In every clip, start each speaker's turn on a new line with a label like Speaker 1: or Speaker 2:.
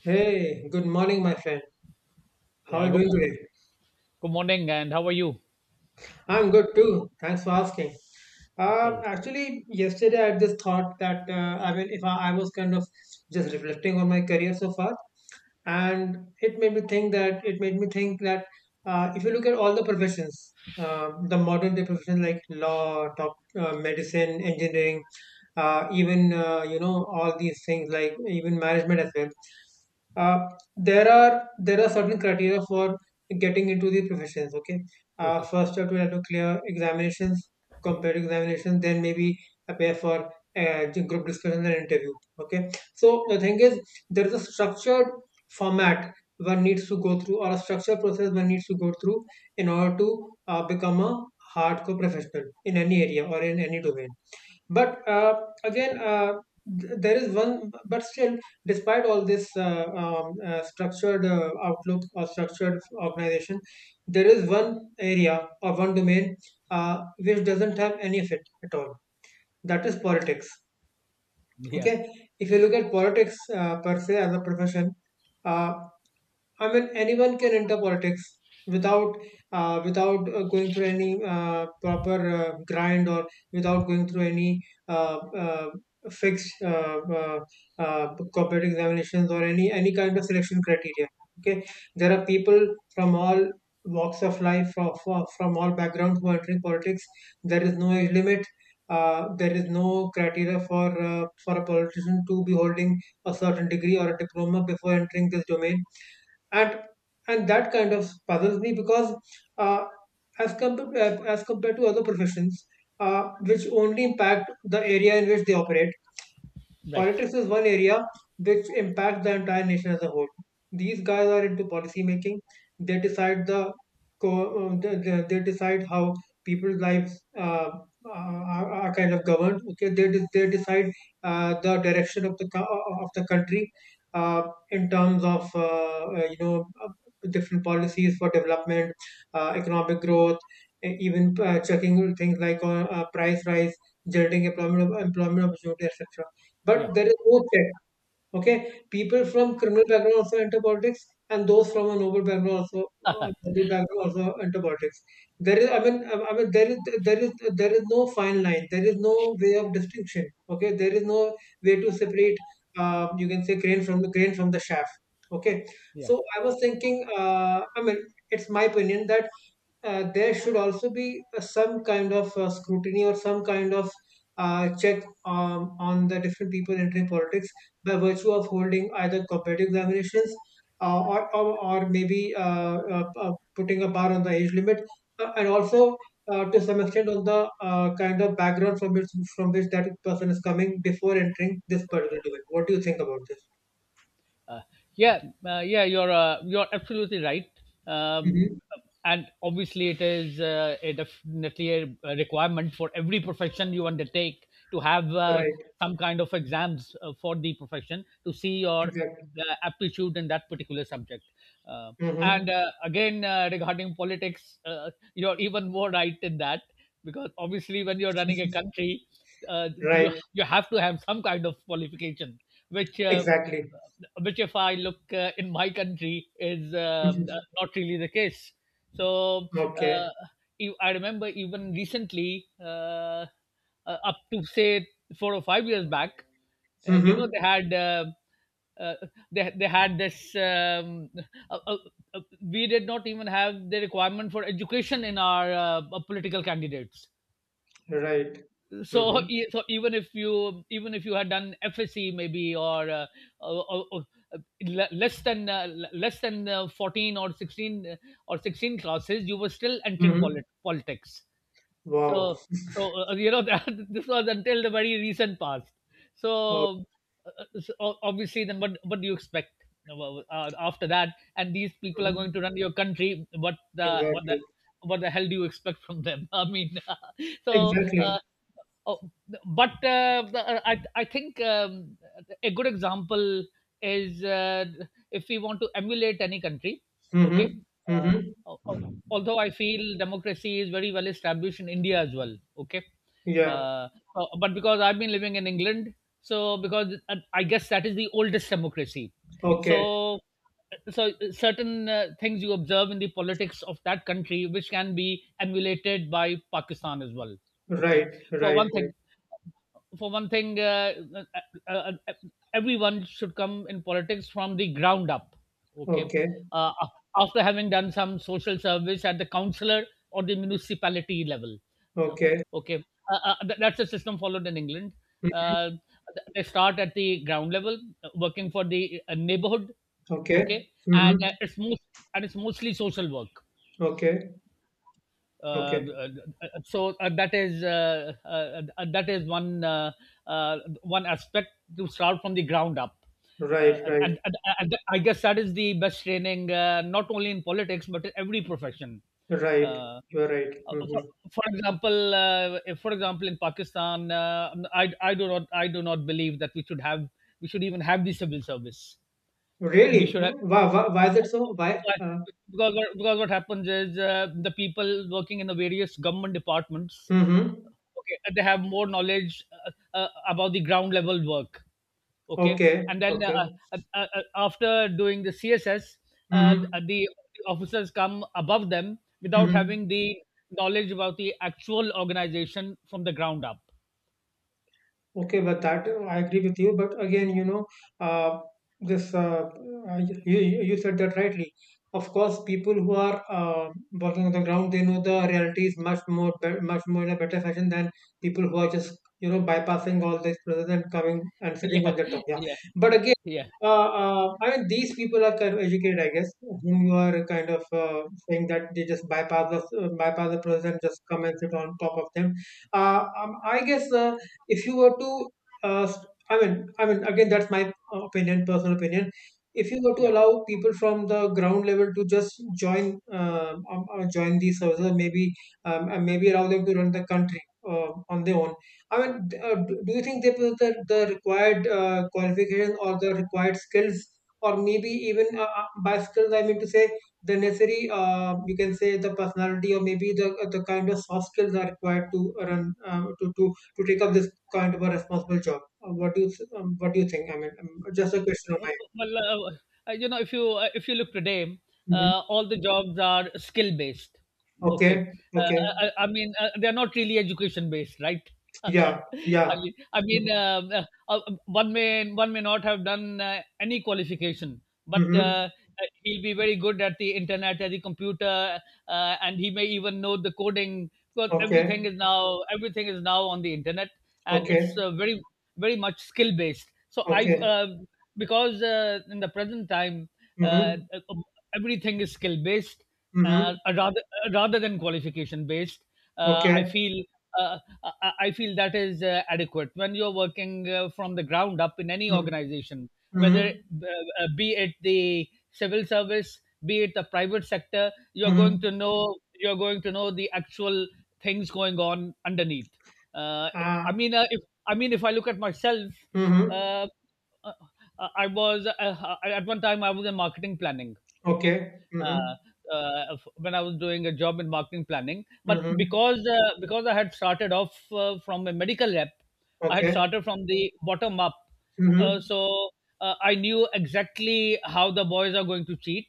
Speaker 1: Hey, good morning, my friend. How are
Speaker 2: Yeah,
Speaker 1: you
Speaker 2: good,
Speaker 1: doing
Speaker 2: mo-
Speaker 1: today?
Speaker 2: Good morning, and how are you?
Speaker 1: I'm good too. Thanks for asking. Uh,
Speaker 2: Okay,
Speaker 1: actually, yesterday I had this thought that. I mean, if I was kind of just reflecting on my career so far, and it made me think that it made me think that if you look at all the professions, the modern day professions like law, medicine, engineering, even all these things like even management as well. Uh, there are certain criteria for getting into the professions. Okay,
Speaker 2: okay,
Speaker 1: first job will have to clear examinations, competitive examinations, then maybe prepare for group discussion and interview. Okay. So the thing is, there is a structured format one needs to go through, or a structured process one needs to go through in order to become a hardcore professional in any area or in any domain. But again, uh, there is one, but still, despite all this structured outlook or structured organization, there is one area or one domain which doesn't have any of it at all. That is politics.
Speaker 2: yeah,
Speaker 1: Okay, if you look at politics per se as a profession. Uh, I mean, anyone can enter politics without going through any proper grind or without going through any uh, uh, fixed corporate examinations or any kind of selection criteria. Okay, there are people from all walks of life, from all backgrounds who are entering politics. There is no age limit. There is no criteria for a politician to be holding a certain degree or a diploma before entering this domain, and and that kind of puzzles me because uh, as compared to other professions which only impact the area in which they operate.
Speaker 2: right,
Speaker 1: Politics is one area which impacts the entire nation as a whole. These guys are into policy making. They decide the, co- the they decide how people's lives are kind of governed. Okay, they decide the direction of the of the country uh, in terms of you know different policies for development, economic growth, even checking things like price rise, generating employment opportunity, etc.
Speaker 2: yeah,
Speaker 1: But there is no check. Okay, people from criminal background also enter politics, and those from a noble background also enter politics. There is, I mean, there is, there is, there is no fine line. There is no way of distinction. Okay, there is no way to separate. You can say grain from the chaff. Okay,
Speaker 2: yeah.
Speaker 1: so I was thinking. I mean, it's my opinion that there should also be some kind of scrutiny or some kind of check on the different people entering politics by virtue of holding either competitive examinations, or maybe putting a bar on the age limit, and also to some extent on the kind of background from which that person is coming before entering this particular domain. What do you think about this?
Speaker 2: Yeah, yeah, you're absolutely right. Um,
Speaker 1: Hmm.
Speaker 2: and obviously, it is a definitely a requirement for every profession you undertake to have
Speaker 1: Right,
Speaker 2: some kind of exams for the profession to see your
Speaker 1: exactly.
Speaker 2: aptitude in that particular subject. Uh,
Speaker 1: Hmm.
Speaker 2: and again, regarding politics, you're even more right in that, because obviously, when you're running a country, you
Speaker 1: Right,
Speaker 2: you have to have some kind of qualification, which. Uh,
Speaker 1: exactly.
Speaker 2: which if I look in my country is
Speaker 1: Mhm.
Speaker 2: not really the case. So
Speaker 1: Okay.
Speaker 2: uh, I remember even recently, up to say 4 or 5 years back, you know
Speaker 1: Mm-hmm.
Speaker 2: uh, they had this uh, uh, we did not even have the requirement for education in our political candidates.
Speaker 1: Right.
Speaker 2: So,
Speaker 1: Mm-hmm.
Speaker 2: so even if you had done FSC maybe, or uh, le- less than 14 or 16, or 16 classes, you were still entering
Speaker 1: Mm-hmm.
Speaker 2: politics. So,
Speaker 1: Wow.
Speaker 2: so you know, that this was until the very recent past.
Speaker 1: Oh,
Speaker 2: So, so obviously then what do you expect after that, and these people are
Speaker 1: mhm.
Speaker 2: going to run your country? what the what the
Speaker 1: Exactly.
Speaker 2: what the hell do you expect from them? I mean, so
Speaker 1: Exactly.
Speaker 2: oh, but I think, a good example is if we want to emulate any country, okay?
Speaker 1: Mm-hmm. Mm-hmm.
Speaker 2: Uh, al- al- Although I feel democracy is very well established in India as well, okay?
Speaker 1: Yeah.
Speaker 2: Uh, but because I've been living in England, so because I guess that is the oldest democracy.
Speaker 1: Okay.
Speaker 2: So, so certain things you observe in the politics of that country, which can be emulated by Pakistan as well. Okay.
Speaker 1: Right.
Speaker 2: For
Speaker 1: Right.
Speaker 2: one
Speaker 1: Right.
Speaker 2: thing, for one thing, uh, uh, everyone should come in politics from the ground up. Okay,
Speaker 1: Okay.
Speaker 2: after having done some social service at the councillor or the municipality level. Uh,
Speaker 1: Okay.
Speaker 2: okay, that's the system followed in England.
Speaker 1: Mhm.
Speaker 2: They start at the ground level, working for the neighborhood.
Speaker 1: Okay.
Speaker 2: Okay, and
Speaker 1: Mm-hmm.
Speaker 2: uh, it's most and it's mostly social work.
Speaker 1: Okay.
Speaker 2: uh,
Speaker 1: Okay.
Speaker 2: uh, so that is one one aspect, to start from the ground up. uh,
Speaker 1: Right.
Speaker 2: and,
Speaker 1: Right.
Speaker 2: and, and, and I guess that is the best training, not only in politics but in every profession. uh,
Speaker 1: Right.
Speaker 2: uh,
Speaker 1: You're right.
Speaker 2: for,
Speaker 1: Mm-hmm.
Speaker 2: for example, for example in Pakistan, I do not, I do not believe that we should even have the civil service. We
Speaker 1: Really?
Speaker 2: should have
Speaker 1: Why, why? Why is it so? Why? Uh,
Speaker 2: Because what because what happens is, the people working in the various government departments,
Speaker 1: mm-hmm.
Speaker 2: okay, they have more knowledge about the ground level work, okay,
Speaker 1: Okay.
Speaker 2: and then
Speaker 1: Okay.
Speaker 2: after doing the CSS, uh,
Speaker 1: Mm-hmm.
Speaker 2: the officers come above them without
Speaker 1: Mm-hmm.
Speaker 2: having the knowledge about the actual organization from the ground up.
Speaker 1: Okay, but that I agree with you. But again, uh, this you said that rightly. Of course, people who are working on the ground, they know the reality is much more, much more in a better fashion than people who are just, bypassing all this process and coming and sitting
Speaker 2: Yeah,
Speaker 1: on the top. Yeah.
Speaker 2: yeah,
Speaker 1: But again,
Speaker 2: yeah,
Speaker 1: I mean, these people are kind of educated, I guess, whom you are kind of saying that they just bypass the process and just come and sit on top of them. I guess. If you were to, uh, I mean, again, that's my opinion, personal opinion. If you were
Speaker 2: yeah.
Speaker 1: to allow people from the ground level to just join, join these services, or maybe, and maybe allow them to run the country on their own. I mean, do you think they possess the required qualifications or the required skills, or maybe even by skills, I mean to say the necessary, you can say the personality or maybe the kind of soft skills are required to run to take up this kind of a responsible job. What do you think? I mean, just a question of
Speaker 2: Well,
Speaker 1: mine.
Speaker 2: well, you know, if you look today,
Speaker 1: Mhm.
Speaker 2: all the jobs are skill based. Okay,
Speaker 1: Okay, okay,
Speaker 2: I mean, they are not really education based, right?
Speaker 1: yeah,
Speaker 2: I
Speaker 1: yeah.
Speaker 2: mean, I mean,
Speaker 1: Mm-hmm.
Speaker 2: one may not have done any qualification, but
Speaker 1: Mm-hmm.
Speaker 2: he'll be very good at the internet, at the computer, and he may even know the coding, because
Speaker 1: Okay,
Speaker 2: everything is now on the internet, and it's
Speaker 1: okay,
Speaker 2: very very much skill based. So I've
Speaker 1: okay.
Speaker 2: Because in the present time, uh,
Speaker 1: Mm-hmm.
Speaker 2: uh, um, everything is skill based,
Speaker 1: Mm-hmm.
Speaker 2: rather than qualification based. I
Speaker 1: Okay.
Speaker 2: feel, uh, I feel that is adequate when you're working from the ground up in any
Speaker 1: Mm-hmm.
Speaker 2: organization, whether
Speaker 1: Mm-hmm.
Speaker 2: be it the civil service, be it the private sector, you're going
Speaker 1: Mm-hmm.
Speaker 2: to know you're going to know the actual things going on underneath. Uh,
Speaker 1: Ah.
Speaker 2: I mean, if I mean if I look at myself,
Speaker 1: Mm-hmm.
Speaker 2: uh, uh, I was at one time I was in marketing planning. Okay.
Speaker 1: Okay. Mm-hmm.
Speaker 2: When I was doing a job in marketing planning, but
Speaker 1: Mm-hmm.
Speaker 2: because I had started off from a medical rep, I had
Speaker 1: Okay.
Speaker 2: started from the bottom up,
Speaker 1: Mm-hmm.
Speaker 2: so I knew exactly how the boys are going to cheat.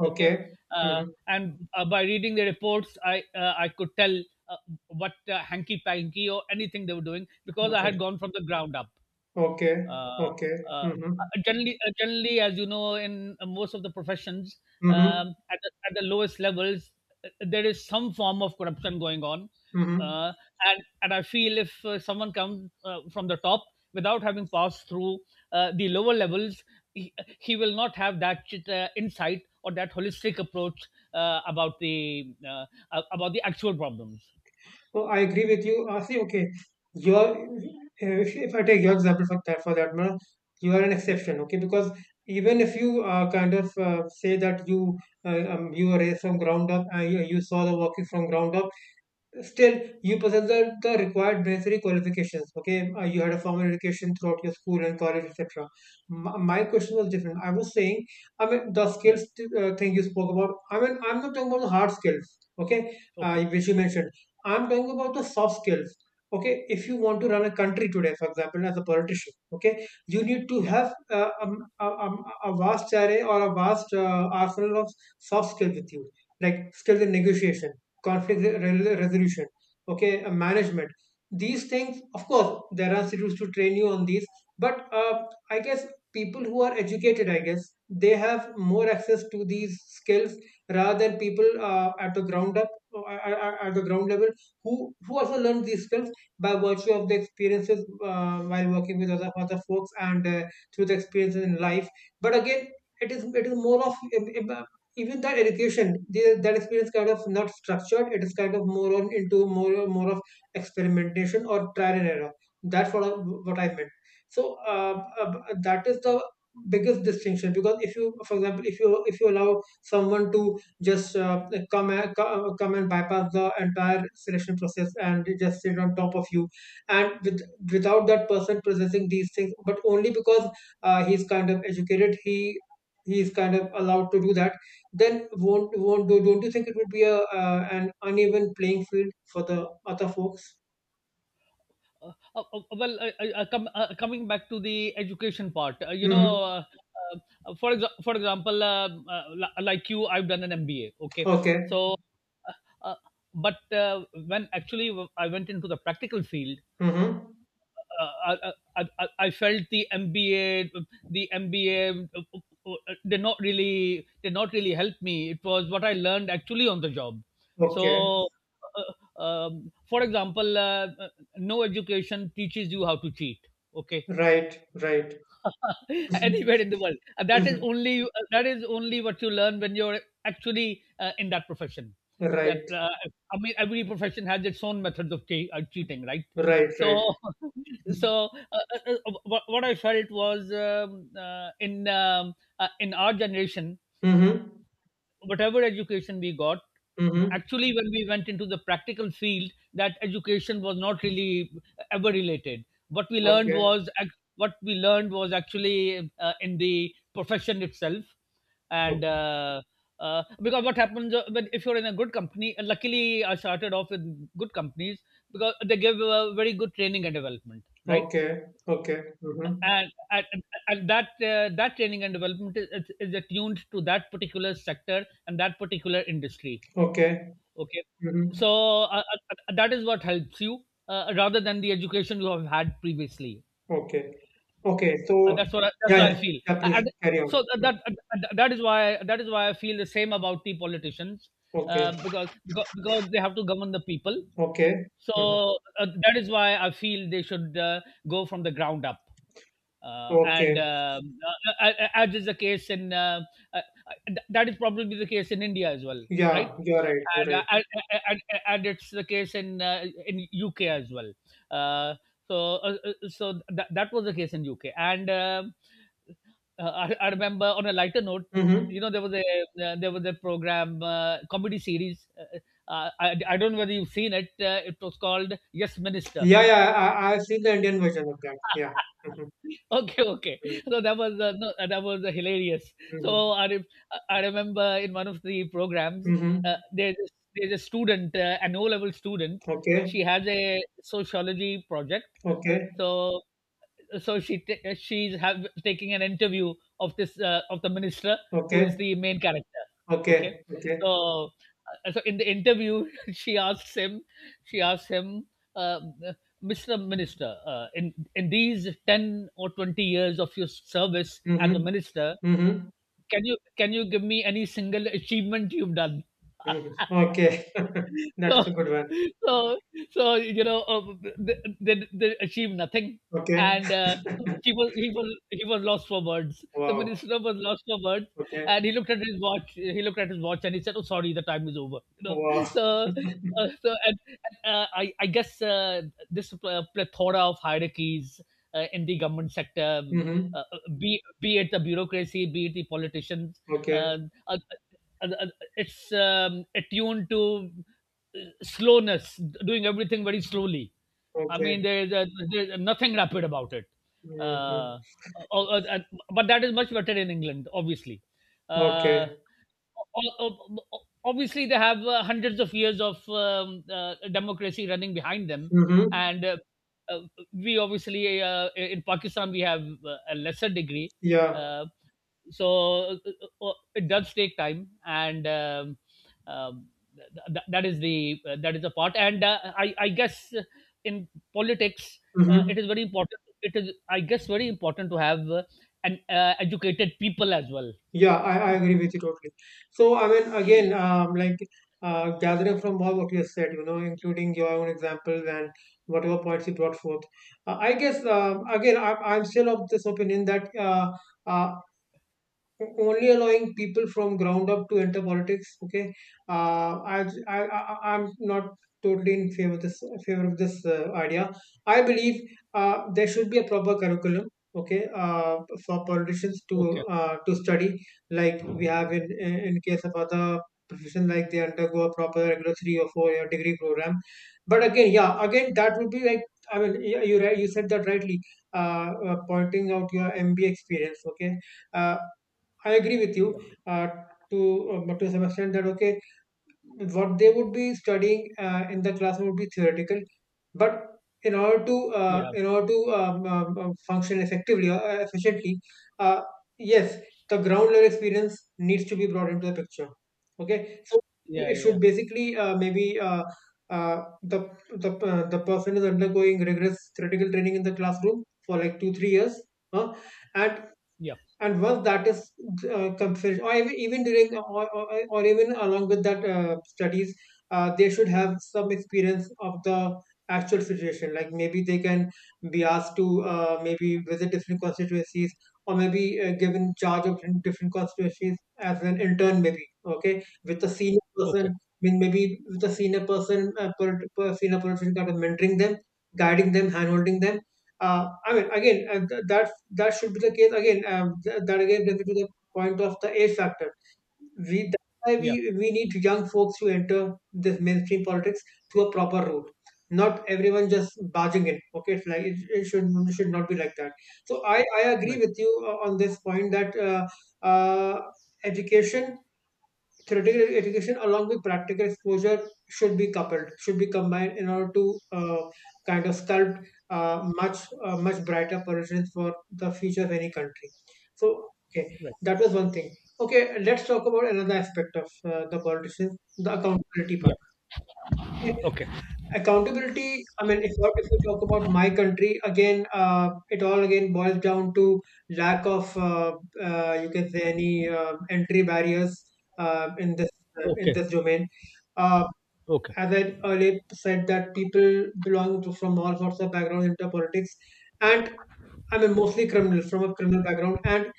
Speaker 2: Okay, uh,
Speaker 1: Mm-hmm.
Speaker 2: and by reading the reports, I could tell uh, what hanky panky or anything they were doing, because I had
Speaker 1: Okay.
Speaker 2: gone from the ground up.
Speaker 1: Okay.
Speaker 2: Uh,
Speaker 1: Okay.
Speaker 2: uh, uh,
Speaker 1: Mm-hmm.
Speaker 2: Generally, generally, as you know, in most of the professions,
Speaker 1: Mm-hmm.
Speaker 2: at the lowest levels, there is some form of corruption going on.
Speaker 1: Mm-hmm.
Speaker 2: Uh, and I feel if someone comes from the top without having passed through the lower levels, he, he will not have that insight or that holistic approach, uh, about the uh, about the actual problems.
Speaker 1: So I agree with you. See, okay, you're if, I take your example for that matter, you are an
Speaker 2: Yeah,
Speaker 1: exception, okay? Because even if you say that you you raised from ground up, and you saw the working from ground up. Still, you possess the required necessary qualifications. Okay, you had a formal education throughout your school and college, etc. My question was different. I was saying, I mean, the
Speaker 2: yeah,
Speaker 1: skills thing you spoke about. I mean, I'm not talking about the hard skills. Okay,
Speaker 2: okay,
Speaker 1: which you mentioned. I'm talking about the soft skills. Okay, if you want to run a country today, for example, as a politician, okay, you need to
Speaker 2: yeah.
Speaker 1: have a vast array or a vast arsenal of soft skills with you, like skills in negotiation, conflict resolution, okay, management. These things, of course, there are institutes to train you on these, but I guess people who are educated, I guess they have more access to these skills rather than people at the ground up, at the ground level, who also learn these skills by virtue of the experiences while working with other folks, and through the experiences in life. But again, it is more of, even that education, that experience kind of not structured, it is kind of more on, into more, of experimentation or trial and error. That's what what I meant. So that is the biggest distinction because if you for example if you allow someone to just come and bypass the entire selection process and just sit on top of you, and without that person processing these things, but only because he's kind of educated, he's kind of allowed to do that, then won't do don't you think it would be a an uneven playing field for the other folks?
Speaker 2: uh, uh, uh, well, uh, Coming back to the education part, you
Speaker 1: Mm-hmm.
Speaker 2: know, for example, like you, I've done an MBA. Okay,
Speaker 1: Okay.
Speaker 2: so, uh, uh, but when actually I went into the practical field,
Speaker 1: Mm-hmm.
Speaker 2: I, I felt the MBA, the MBA did not really help me. It was what I learned actually on the job.
Speaker 1: Okay.
Speaker 2: So, uh, for example, no education teaches you how to cheat. Okay,
Speaker 1: Right, right.
Speaker 2: anywhere in
Speaker 1: Mm-hmm.
Speaker 2: the world. Uh, That is
Speaker 1: Mm-hmm.
Speaker 2: only that is only what you learn when you're actually in that profession. That
Speaker 1: Right,
Speaker 2: I mean, every profession has its own methods of cheating, right?
Speaker 1: right, right.
Speaker 2: So, so what what I felt was in our generation,
Speaker 1: Mm-hmm.
Speaker 2: whatever education we got,
Speaker 1: Mm-hmm.
Speaker 2: actually when we went into the practical field, that education was not really ever related. what we learned
Speaker 1: Okay.
Speaker 2: was ac- what we learned was actually in the profession itself.
Speaker 1: O-
Speaker 2: And because what happens, when if you're in a good company, and luckily I started off with good companies, because they give very good training and development, right?
Speaker 1: okay, okay. Mm-hmm.
Speaker 2: And and, and that that training and development is attuned to that particular sector and that particular industry.
Speaker 1: Okay.
Speaker 2: Okay,
Speaker 1: Mm-hmm.
Speaker 2: so uh, uh, that is what helps you, rather than the education you have had previously.
Speaker 1: Okay, okay. So
Speaker 2: That's
Speaker 1: yeah,
Speaker 2: what I
Speaker 1: yeah,
Speaker 2: feel.
Speaker 1: yeah, please
Speaker 2: And
Speaker 1: carry on.
Speaker 2: so
Speaker 1: Mm.
Speaker 2: that that is why, that is why I feel the same about the politicians,
Speaker 1: Okay,
Speaker 2: because because they have to govern the people.
Speaker 1: okay. Mm-hmm.
Speaker 2: So that is why I feel they should, go from the ground up. And
Speaker 1: Okay.
Speaker 2: As is the case in uh, uh, that is probably the case in India as well, right?
Speaker 1: Yeah, you're right, you're
Speaker 2: And
Speaker 1: right.
Speaker 2: and it's the case in UK as well. Uh, so so that was the case in UK. And I remember, on a lighter note, you
Speaker 1: Mm-hmm.
Speaker 2: know, there was a, there was a program, comedy series. I don't know whether you've seen it. It was called Yes Minister.
Speaker 1: Yeah, yeah. I've seen the Indian version of that. Yeah. Mhm,
Speaker 2: Okay, okay.
Speaker 1: mhm,
Speaker 2: So that was no, that was hilarious. So
Speaker 1: mhm,
Speaker 2: I re- I remember, in one of the programs,
Speaker 1: mhm.
Speaker 2: there's a student, an O level student.
Speaker 1: Okay.
Speaker 2: She has a sociology project.
Speaker 1: Okay.
Speaker 2: So she's taking an interview of this of the minister, who is
Speaker 1: Okay.
Speaker 2: the main character. Okay,
Speaker 1: Okay. Okay.
Speaker 2: so so in the interview, she asks him, she asks him uh, Mr. Minister, in these 10 or 20 years of your service as
Speaker 1: Mm-hmm.
Speaker 2: a minister,
Speaker 1: Mm-hmm.
Speaker 2: can you give me any single achievement you've done?
Speaker 1: Mm-hmm. Okay.
Speaker 2: So,
Speaker 1: That's a good one.
Speaker 2: so, so you know, they achieved nothing.
Speaker 1: Okay.
Speaker 2: And he was, he was lost for words, the
Speaker 1: Wow.
Speaker 2: minister was lost for words.
Speaker 1: Okay.
Speaker 2: And he looked at his watch, and he said, oh sorry, the time is over, you know.
Speaker 1: Wow.
Speaker 2: So so and I I guess, this plethora of hierarchies in the government sector,
Speaker 1: Mm-hmm.
Speaker 2: be it the bureaucracy, be it the politicians,
Speaker 1: Okay.
Speaker 2: um, uh, uh, uh, it's attuned to slowness, doing everything very slowly. I
Speaker 1: Okay.
Speaker 2: mean, there is a, there's nothing rapid about it.
Speaker 1: Mm-hmm.
Speaker 2: Uh, uh, uh, uh, but that is much better in England, obviously. Uh,
Speaker 1: Okay.
Speaker 2: obviously, they have hundreds of years of democracy running behind them,
Speaker 1: Mm-hmm.
Speaker 2: and uh, we obviously in Pakistan we have a lesser degree.
Speaker 1: Yeah.
Speaker 2: uh, it does take time, and um, that is the part. And I guess in politics
Speaker 1: Mm-hmm.
Speaker 2: it is very important. It is, I guess, very important to have an educated people as well.
Speaker 1: Yeah, I agree with you totally. So, I mean, again, like gathering from all what you have said, including your own examples and whatever points you brought forth, I guess, again, I'm still of this opinion that uh, only allowing people from ground up to enter politics. Okay, I'm not totally in favor of this idea. I believe there should be a proper curriculum. Okay, for politicians
Speaker 2: Okay.
Speaker 1: to study, like we have in case of other profession, like they undergo a proper regular 3 or 4 year degree program. But again, yeah, again that would be like, I mean, yeah, you said that rightly. Pointing out your MBA experience, okay. Uh, I agree with you
Speaker 2: Yeah.
Speaker 1: uh, to but to some extent that okay, what they would be studying in the classroom would be theoretical, but in order to,
Speaker 2: Yeah.
Speaker 1: function effectively or efficiently, uh, yes, the ground level experience needs to be brought into the picture. Okay, so
Speaker 2: Yeah.
Speaker 1: it
Speaker 2: Yeah.
Speaker 1: should basically maybe. Uh, the the person is undergoing rigorous theoretical training in the classroom for like 2 3 years, huh? and
Speaker 2: Yeah.
Speaker 1: and once that is considered or even during or even along with that studies. They should have some experience of the actual situation, like maybe they can be asked to maybe visit different constituencies, or maybe given charge of different different constituencies as an intern, maybe, okay, with a senior person.
Speaker 2: Okay.
Speaker 1: I mean, maybe with a senior person, per senior person kind of mentoring them, guiding them, hand holding them. I mean, again, that's that should be the case again. That again brings me to the point of the age factor. We That's why
Speaker 2: Yeah.
Speaker 1: we need young folks to enter this mainstream politics through a proper route. Not everyone just barging in. Okay, it's like it should not be like that. So I agree
Speaker 2: Right.
Speaker 1: with you on this point that uh, education, theoretical education along with practical exposure should be coupled, should be combined in order to kind of sculpt uh, much much brighter projections for the future of any country. So, okay,
Speaker 2: Right.
Speaker 1: that was one thing. Okay, let's talk about another aspect of the politicians, the accountability part.
Speaker 2: Yeah.
Speaker 1: Okay?
Speaker 2: Okay.
Speaker 1: Accountability, I mean, if we talk about my country again, it all again boils down to lack of you can say any entry barriers uh, in this in
Speaker 2: Okay.
Speaker 1: this domain. Uh,
Speaker 2: Okay.
Speaker 1: as I earlier said, that people belong to, from all sorts of backgrounds into politics, and I mean mostly criminals from a criminal background, and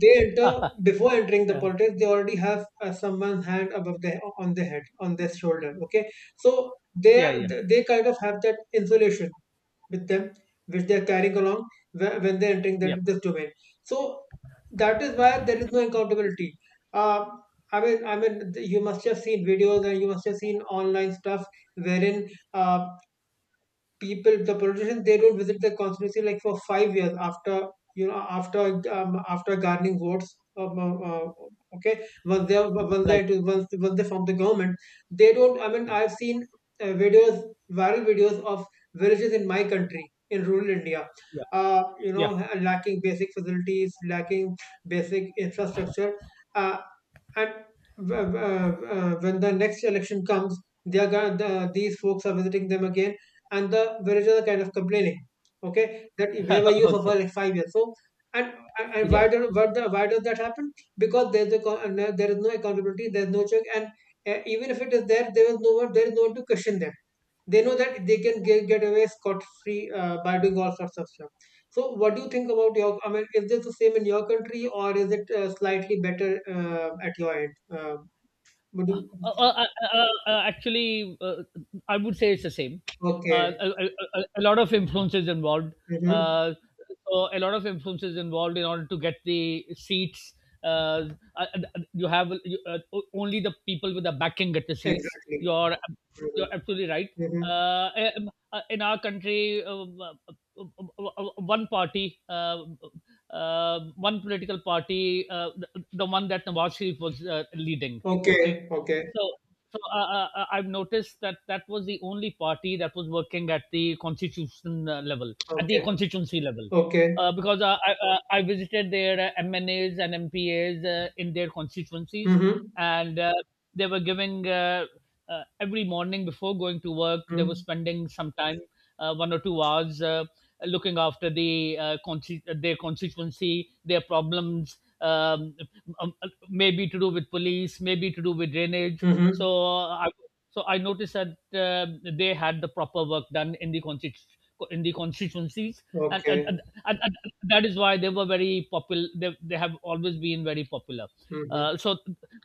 Speaker 1: they enter before entering the
Speaker 2: yeah.
Speaker 1: politics, they already have someone's hand above their on their head on their shoulder. Okay, so
Speaker 2: Yeah. Yeah.
Speaker 1: they kind of have that insulation with them, which they are carrying along when they're entering that
Speaker 2: Yeah.
Speaker 1: this domain. So that is why there is no accountability. uh, I mean, you must have seen videos, and you must have seen online stuff, wherein uh, people the politicians, they don't visit the constituency like for 5 years after, you know, after after garnering votes. Okay, once they
Speaker 2: Like.
Speaker 1: once they form the government, they don't, I mean, I've seen videos, viral videos of villages in my country in rural India,
Speaker 2: Yeah.
Speaker 1: you know,
Speaker 2: Yeah.
Speaker 1: lacking basic facilities, lacking basic infrastructure. uh, and w- w- uh, when the next election comes, they are gonna, the, these folks are visiting them again, and the villagers are kind of complaining, okay, that where were you
Speaker 2: Okay.
Speaker 1: for like 5 years. So and and why
Speaker 2: Yeah.
Speaker 1: do what the why does that happen? Because there's a co- and, there is no accountability, there's no check, and even if it is there, there is no one to question them. They know that they can get away scot free by doing all sorts of stuff. So what do you think about your, I mean, is this the same in your country, or is it slightly better at your end? Would you,
Speaker 2: Uh, uh, uh, actually, I would say it's the same. Uh,
Speaker 1: okay.
Speaker 2: a, a, a, A lot of influences involved.
Speaker 1: Hmm.
Speaker 2: Uh, so a lot of influences involved in order to get the seats. Uh, uh, uh, you have, only the people with the backing get the seats.
Speaker 1: Exactly.
Speaker 2: You're absolutely right.
Speaker 1: Hmm.
Speaker 2: Uh, in our country, uh, one party, one political party, the one that Nawaz Sharif was leading. Okay,
Speaker 1: Okay, okay,
Speaker 2: so, I've noticed that that was the only party that was working at the constitution level, at the
Speaker 1: okay,
Speaker 2: constituency level,
Speaker 1: okay.
Speaker 2: because I visited their MNAs and MPAs in their constituencies,
Speaker 1: Mm-hmm.
Speaker 2: and they were giving every morning before going to work. They were
Speaker 1: Mm-hmm.
Speaker 2: spending some time, 1 or 2 hours, looking after their constituency, their problems. Um, Maybe to do with police, maybe to do with drainage.
Speaker 1: Mm-hmm.
Speaker 2: So uh, I so I noticed that they had the proper work done in the in the constituencies, and, and,
Speaker 1: Okay.
Speaker 2: and, and, and that is why they were very popular. They have always been very popular.
Speaker 1: Mm-hmm.
Speaker 2: So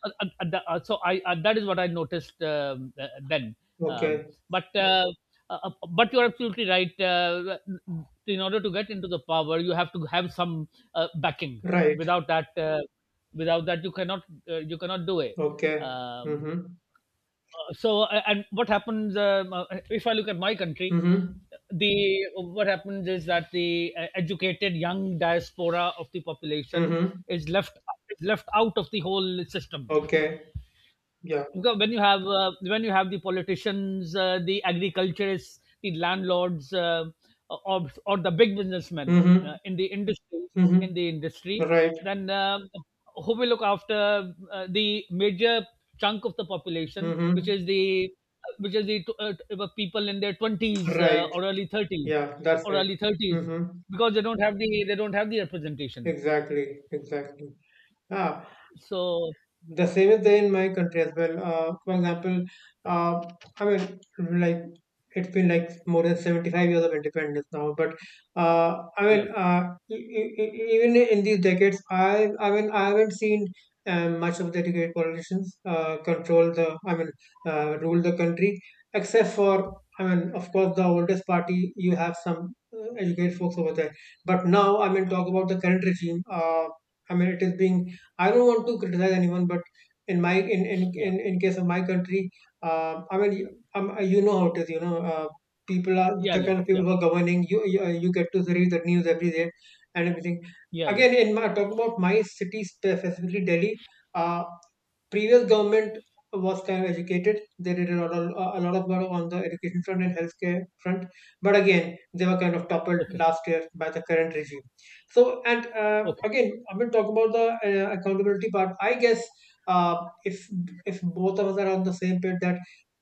Speaker 2: the- so I That is what I noticed then. Um,
Speaker 1: Okay.
Speaker 2: but uh, but you're absolutely right. In order to get into the power, you have to have some backing.
Speaker 1: Right.
Speaker 2: Without that. Without that you cannot do it.
Speaker 1: Okay.
Speaker 2: um,
Speaker 1: Mm-hmm.
Speaker 2: and what happens, if I look at my country,
Speaker 1: Mm-hmm.
Speaker 2: the what happens is that the educated young diaspora of the population
Speaker 1: Mm-hmm.
Speaker 2: is left is left out of the whole system,
Speaker 1: Okay. Yeah.
Speaker 2: because when you have the politicians, the agriculturists, the landlords, or the big businessmen
Speaker 1: Mm-hmm.
Speaker 2: in
Speaker 1: Mm-hmm.
Speaker 2: the industry,
Speaker 1: Right.
Speaker 2: then who will look after the major chunk of the population,
Speaker 1: Mm-hmm.
Speaker 2: which is the people in their twenties
Speaker 1: Right.
Speaker 2: or early 30s,
Speaker 1: Yeah, that's
Speaker 2: or
Speaker 1: right.
Speaker 2: early thirties,
Speaker 1: Mm-hmm.
Speaker 2: because they don't have the representation.
Speaker 1: Exactly. Exactly. Ah,
Speaker 2: So
Speaker 1: the same is there in my country as well. For example, uh, I mean, like, it's been like more than 75 years of independence now. But I
Speaker 2: yeah,
Speaker 1: mean, even in these decades, I mean I haven't seen much of the great politicians control the, I mean, rule the country, except for, I mean, of course, the oldest party, you have some educated folks over there. But now, I mean, talk about the current regime. I mean, it is being, I don't want to criticize anyone, but in my
Speaker 2: yeah,
Speaker 1: in case of my country, I mean, you know how it is. You know, people are
Speaker 2: yeah,
Speaker 1: the
Speaker 2: yeah,
Speaker 1: kind of people
Speaker 2: yeah,
Speaker 1: who are governing. You get to read the news every day and everything.
Speaker 2: yeah, yeah.
Speaker 1: Again, in my talking about my city, specifically, Delhi. Uh, Previous government was kind of educated. They did a lot of work on the education front and healthcare front, but again they were kind of toppled
Speaker 2: Okay,
Speaker 1: last year by the current regime. So, and
Speaker 2: okay,
Speaker 1: again I'm going to talk about the accountability part. I guess uh, if if both of us are on the same page that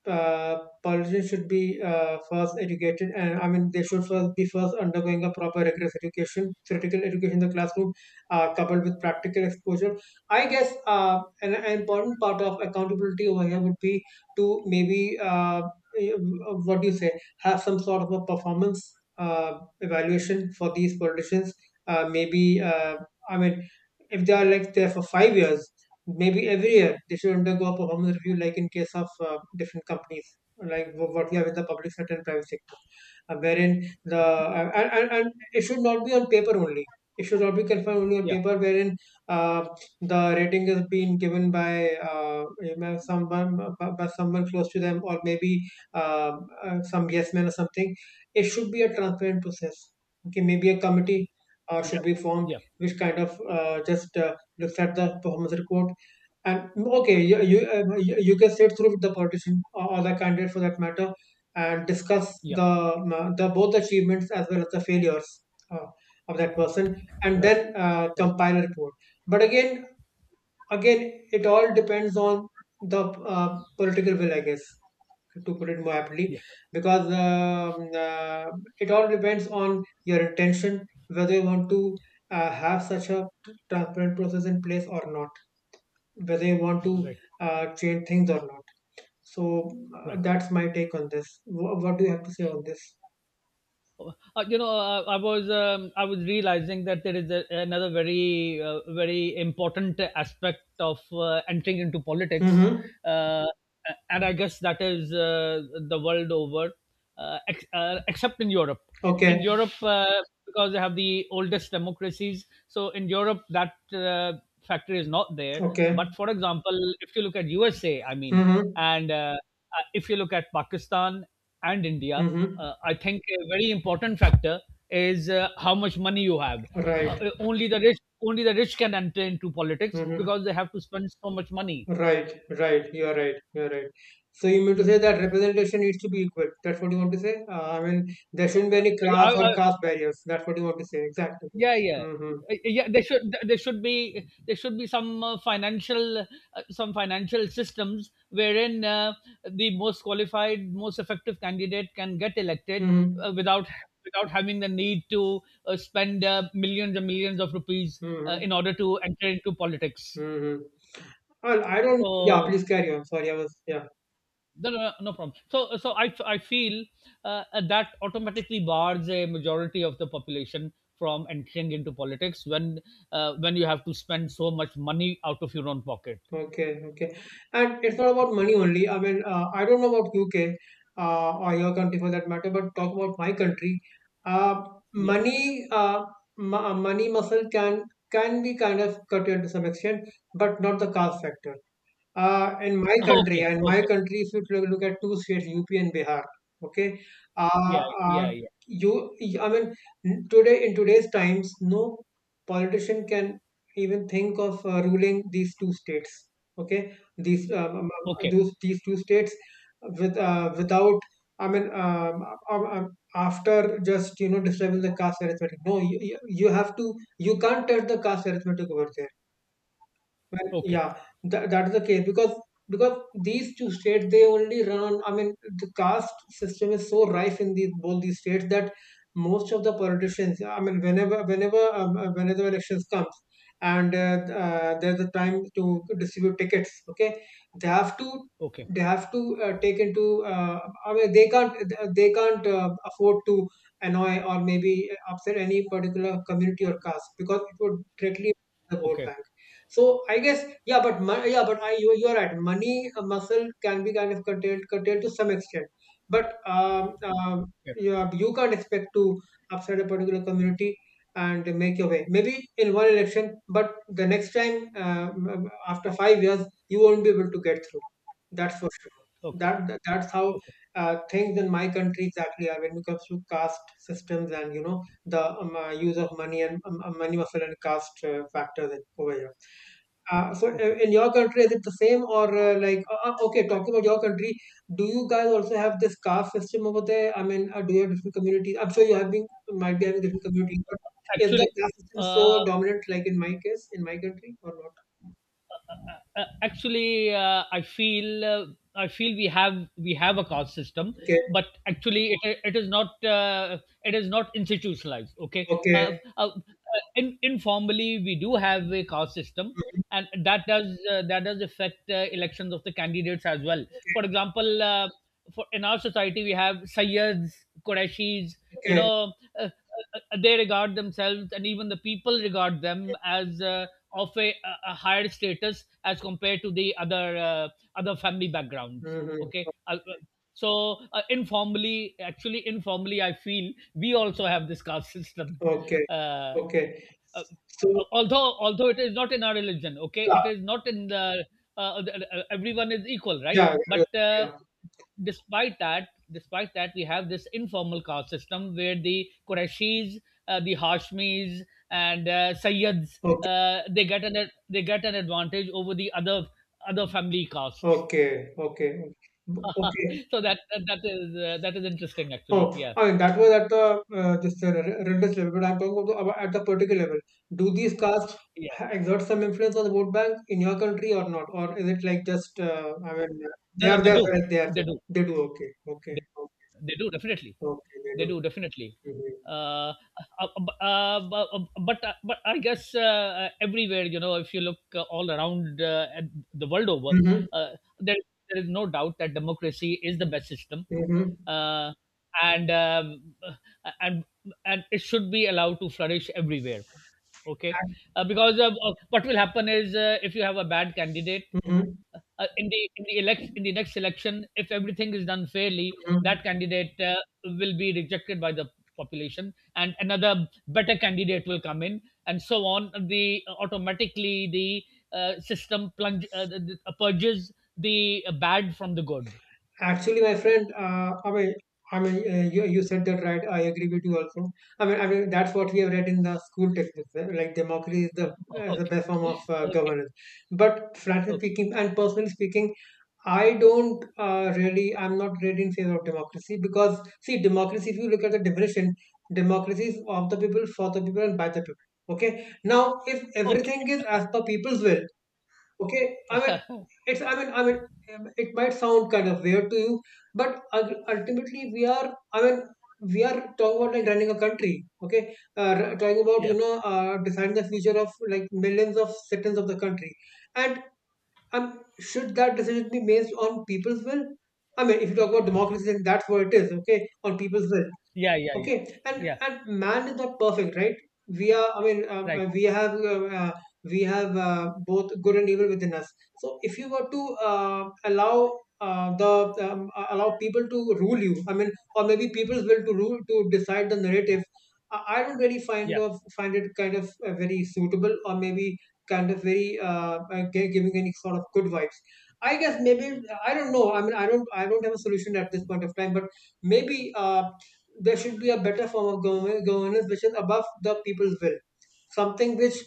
Speaker 1: uh, politicians should be first educated, and I mean, they should first undergoing a proper rigorous education, theoretical education in the classroom coupled with practical exposure, I guess an important part of accountability over here would be to maybe what do you say, have some sort of a performance evaluation for these politicians. Maybe I mean, if they are like there for 5 years, maybe every year they should undergo a performance review, like in case of different companies, like what we have in the public sector and private sector, wherein the and it should not be on paper only. It should not be confined only on
Speaker 2: yeah.
Speaker 1: paper, wherein uh, the rating has been given by you know, someone by someone close to them, or maybe uh, some yes man or something. It should be a transparent process. Okay, maybe a committee
Speaker 2: Yeah,
Speaker 1: should be formed,
Speaker 2: yeah,
Speaker 1: which kind of just looks at the performance report, and okay, you you can sit through with the politician, or the candidate for that matter, and discuss
Speaker 2: yeah.
Speaker 1: the both achievements as well as the failures uh, of that person, and
Speaker 2: Right,
Speaker 1: then
Speaker 2: right,
Speaker 1: compile a report. But again, it all depends on the political will, I guess, to put it more aptly,
Speaker 2: yeah,
Speaker 1: because it all depends on your intention, whether you want to have such a transparent process in place or not, whether you want to
Speaker 2: right,
Speaker 1: change things or not. So
Speaker 2: right.
Speaker 1: that's my take on this. What do you have to say on this?
Speaker 2: You know, I was realizing that there is another very very important aspect of entering into politics,
Speaker 1: Mm-hmm.
Speaker 2: uh, and I guess that is, the world over, except in Europe. In
Speaker 1: Okay.
Speaker 2: Europe, because they have the oldest democracies. So in Europe, that factor is not there.
Speaker 1: Okay.
Speaker 2: But for example, if you look at USA, I mean,
Speaker 1: Mm-hmm.
Speaker 2: and if you look at Pakistan and India,
Speaker 1: Mm-hmm.
Speaker 2: I think a very important factor is how much money you have.
Speaker 1: Right.
Speaker 2: Only the rich can enter into politics
Speaker 1: Mm-hmm.
Speaker 2: because they have to spend so much money.
Speaker 1: Right, right. You're right. You're right. So you mean to say that representation needs to be equal. That's what you want to say? I mean, there shouldn't be any
Speaker 2: Uh,
Speaker 1: class
Speaker 2: I, I,
Speaker 1: or caste barriers. That's what you want to say. Exactly.
Speaker 2: yeah, yeah.
Speaker 1: Mm-hmm.
Speaker 2: Yeah, there should be, there should be some financial some financial systems wherein the most qualified, most effective candidate can get elected,
Speaker 1: Mm-hmm.
Speaker 2: uh, without without having the need to spend millions and millions of rupees
Speaker 1: Mm-hmm.
Speaker 2: in order to enter into politics.
Speaker 1: Mm-hmm. Well, I don't. Yeah,
Speaker 2: So
Speaker 1: please carry on. Sorry, I was. Yeah.
Speaker 2: no, no, no, no problem. So I feel uh, that automatically bars a majority of the population from entering into politics when you have to spend so much money out of your own pocket.
Speaker 1: Okay, okay. And it's not
Speaker 2: Okay.
Speaker 1: about money only. I mean, I don't know about UK or your country for that matter, but talk about my country. Uh,
Speaker 2: Yeah.
Speaker 1: Money, money muscle can be kind of cut into some extent, but not the caste factor. Uh, in my country,
Speaker 2: Okay.
Speaker 1: and my
Speaker 2: Okay.
Speaker 1: country, if you look at two states, UP and Bihar, okay, uh,
Speaker 2: Yeah.
Speaker 1: uh,
Speaker 2: Yeah. Yeah.
Speaker 1: you, I mean, n- today in today's times, no politician can even think of ruling these two states, okay,
Speaker 2: Okay.
Speaker 1: these two states with without, I mean, um, um, after just, you know, disturbing the caste arithmetic. No, you you have to, you can't touch the caste arithmetic over there. Well,
Speaker 2: Okay.
Speaker 1: yeah, that is the case, because these two states they only run on, I mean, the caste system is so rife in these both these states that most of the politicians, I mean, whenever elections comes, and there's a time to distribute tickets. Okay, they have to
Speaker 2: Okay.
Speaker 1: they have to take into. I mean, they can't afford to annoy or maybe upset any particular community or caste, because it would directly affect the vote
Speaker 2: Okay. Okay.
Speaker 1: bank. So I guess, yeah, yeah, but I you you're right. Money muscle can be kind of curtailed to some extent, but yeah, you can't expect to upset a particular community and make your way. Maybe in one election, but the next time after 5 years, you won't be able to get through. That's for sure.
Speaker 2: Okay.
Speaker 1: That's how
Speaker 2: Okay.
Speaker 1: things in my country exactly are when it comes to caste systems, and you know, the use of money and money muscle and caste factors over here. So
Speaker 2: Okay.
Speaker 1: in your country, is it the same, or okay, talking about your country, do you guys also have this caste system over there? I mean, do you have different communities? I'm sure you have been might be having different communities, but is the
Speaker 2: Actually,
Speaker 1: caste system
Speaker 2: uh,
Speaker 1: so dominant like in my case, in my country or not?
Speaker 2: actually I feel we have a caste system,
Speaker 1: Okay,
Speaker 2: but actually it is not institutionalized. Okay.
Speaker 1: okay,
Speaker 2: uh, uh, uh, in, informally we do have a caste system,
Speaker 1: mhm,
Speaker 2: and that does affect elections of the candidates as well. For example, for in our society we have Sayyids, Qurayshis, you
Speaker 1: okay,
Speaker 2: know, uh, uh, they regard themselves and even the people regard them as of a higher status as compared to the other other family backgrounds. Okay.
Speaker 1: mhm,
Speaker 2: Informally, actually informally, I feel we also have this caste system.
Speaker 1: okay,
Speaker 2: Uh,
Speaker 1: okay.
Speaker 2: uh,
Speaker 1: So
Speaker 2: Although, although it is not in our religion. Okay. It
Speaker 1: yeah,
Speaker 2: is not in the everyone is equal, right?
Speaker 1: yeah, yeah,
Speaker 2: But
Speaker 1: yeah.
Speaker 2: despite that we have this informal caste system where the Qurashis, the Hashmis, and Sayyids,
Speaker 1: Okay,
Speaker 2: uh, they get an they get an advantage over the other family castes.
Speaker 1: okay, okay, okay. Okay.
Speaker 2: So that is, that is interesting actually.
Speaker 1: Oh,
Speaker 2: Yeah,
Speaker 1: I mean, that was at the this religious level, but I'm talking about about at the political level. Do these castes
Speaker 2: yeah.
Speaker 1: exert some influence on the vote bank in your country or not? Or is it like just, I mean, they
Speaker 2: No, no,
Speaker 1: are
Speaker 2: they
Speaker 1: there,
Speaker 2: do,
Speaker 1: right? they are
Speaker 2: they
Speaker 1: there.
Speaker 2: do
Speaker 1: They do, okay, okay, okay,
Speaker 2: they do definitely.
Speaker 1: okay, they
Speaker 2: They
Speaker 1: do.
Speaker 2: do definitely.
Speaker 1: Mm-hmm.
Speaker 2: Uh, uh, uh, but I guess everywhere, you know, if you look all around, at the world over,
Speaker 1: Mm-hmm.
Speaker 2: uh, there there is no doubt that democracy is the best system,
Speaker 1: Mm-hmm.
Speaker 2: uh, and um, uh, and and it should be allowed to flourish everywhere. Okay. Because what will happen is, if you have a bad candidate
Speaker 1: Mm-hmm.
Speaker 2: in the next election, if everything is done fairly,
Speaker 1: Mm-hmm.
Speaker 2: that candidate will be rejected by the population, and another better candidate will come in, and so on. The Automatically the system purges the bad from the good.
Speaker 1: Actually, my friend, I mean, you, said that right. I agree with you also. I mean, that's what we have read in the school textbooks. Like democracy is the best form
Speaker 2: Okay,
Speaker 1: of
Speaker 2: okay,
Speaker 1: governance. But frankly
Speaker 2: okay,
Speaker 1: speaking, and personally speaking, I don't really. I'm not really in favor of democracy because see, democracy. If you look at the definition, democracy is of the people, for the people, and by the people. Okay. Now, if
Speaker 2: okay.
Speaker 1: everything is as per people's will. Okay, I mean, it's I mean I mean it might sound kind of weird to you, but ultimately we are we are talking about like running a country. Okay, talking about
Speaker 2: Yeah,
Speaker 1: deciding the future of like millions of citizens of the country, and should that decision be based on people's will? I mean, if you talk about democracy, then that's what it is. Okay, on people's will.
Speaker 2: yeah, yeah,
Speaker 1: Okay,
Speaker 2: yeah,
Speaker 1: and
Speaker 2: yeah.
Speaker 1: and man is not perfect, right? We are. I mean,
Speaker 2: Right.
Speaker 1: we have both good and evil within us. So if you were to allow the allow people to rule you, I mean, or maybe people's will to rule to decide the narrative, I don't really
Speaker 2: Yeah.
Speaker 1: find it kind of very suitable, or maybe kind of very giving any sort of good vibes. I guess maybe I don't know. I mean, I don't have a solution at this point of time, but maybe. There should be a better form of government, governance which is above the people's will, something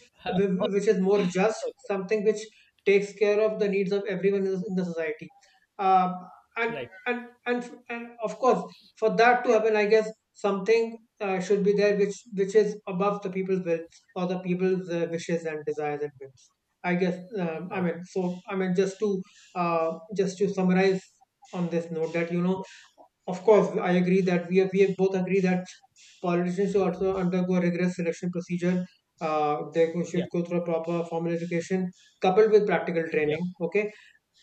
Speaker 1: which is more just,
Speaker 2: Okay.
Speaker 1: something which takes care of the needs of everyone in the society, uh, and,
Speaker 2: Right.
Speaker 1: and of course for that to happen, I guess something should be there which is above the people's will or the people's wishes and desires and whims. I guess I
Speaker 2: Right.
Speaker 1: mean so I mean just to summarize on this note that, you know,
Speaker 2: Yeah.
Speaker 1: of course, I agree that we both agree that politicians should also undergo a rigorous selection procedure. They should
Speaker 2: Yeah.
Speaker 1: go through a proper formal education coupled with practical
Speaker 2: Yeah.
Speaker 1: training. Okay,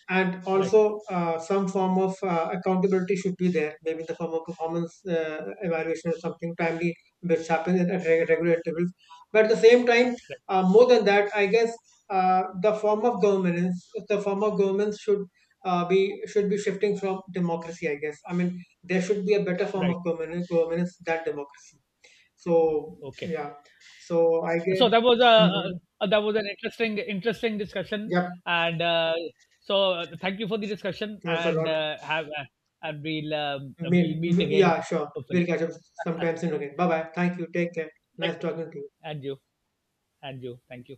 Speaker 1: and
Speaker 2: Right.
Speaker 1: also some form of accountability should be there, maybe in the form of performance evaluation or something timely which happens at regular intervals, but at the same time
Speaker 2: Right.
Speaker 1: more than that, I guess the form of governance should be should be shifting from democracy, I guess. I mean, there should be a better form
Speaker 2: Right.
Speaker 1: of governance than democracy. So
Speaker 2: Okay.
Speaker 1: yeah, so I
Speaker 2: So
Speaker 1: guess.
Speaker 2: that was
Speaker 1: Hmm.
Speaker 2: a, that was an interesting discussion,
Speaker 1: Yep.
Speaker 2: and so thank you for the discussion,
Speaker 1: Thanks a
Speaker 2: and
Speaker 1: lot.
Speaker 2: have and we'll
Speaker 1: May,
Speaker 2: meet again
Speaker 1: yeah, sure. We'll
Speaker 2: hopefully.
Speaker 1: catch up sometime soon again. Bye bye. Thank you. Take care.
Speaker 2: Thank
Speaker 1: Nice
Speaker 2: you.
Speaker 1: talking to you.
Speaker 2: And you. And you, thank you.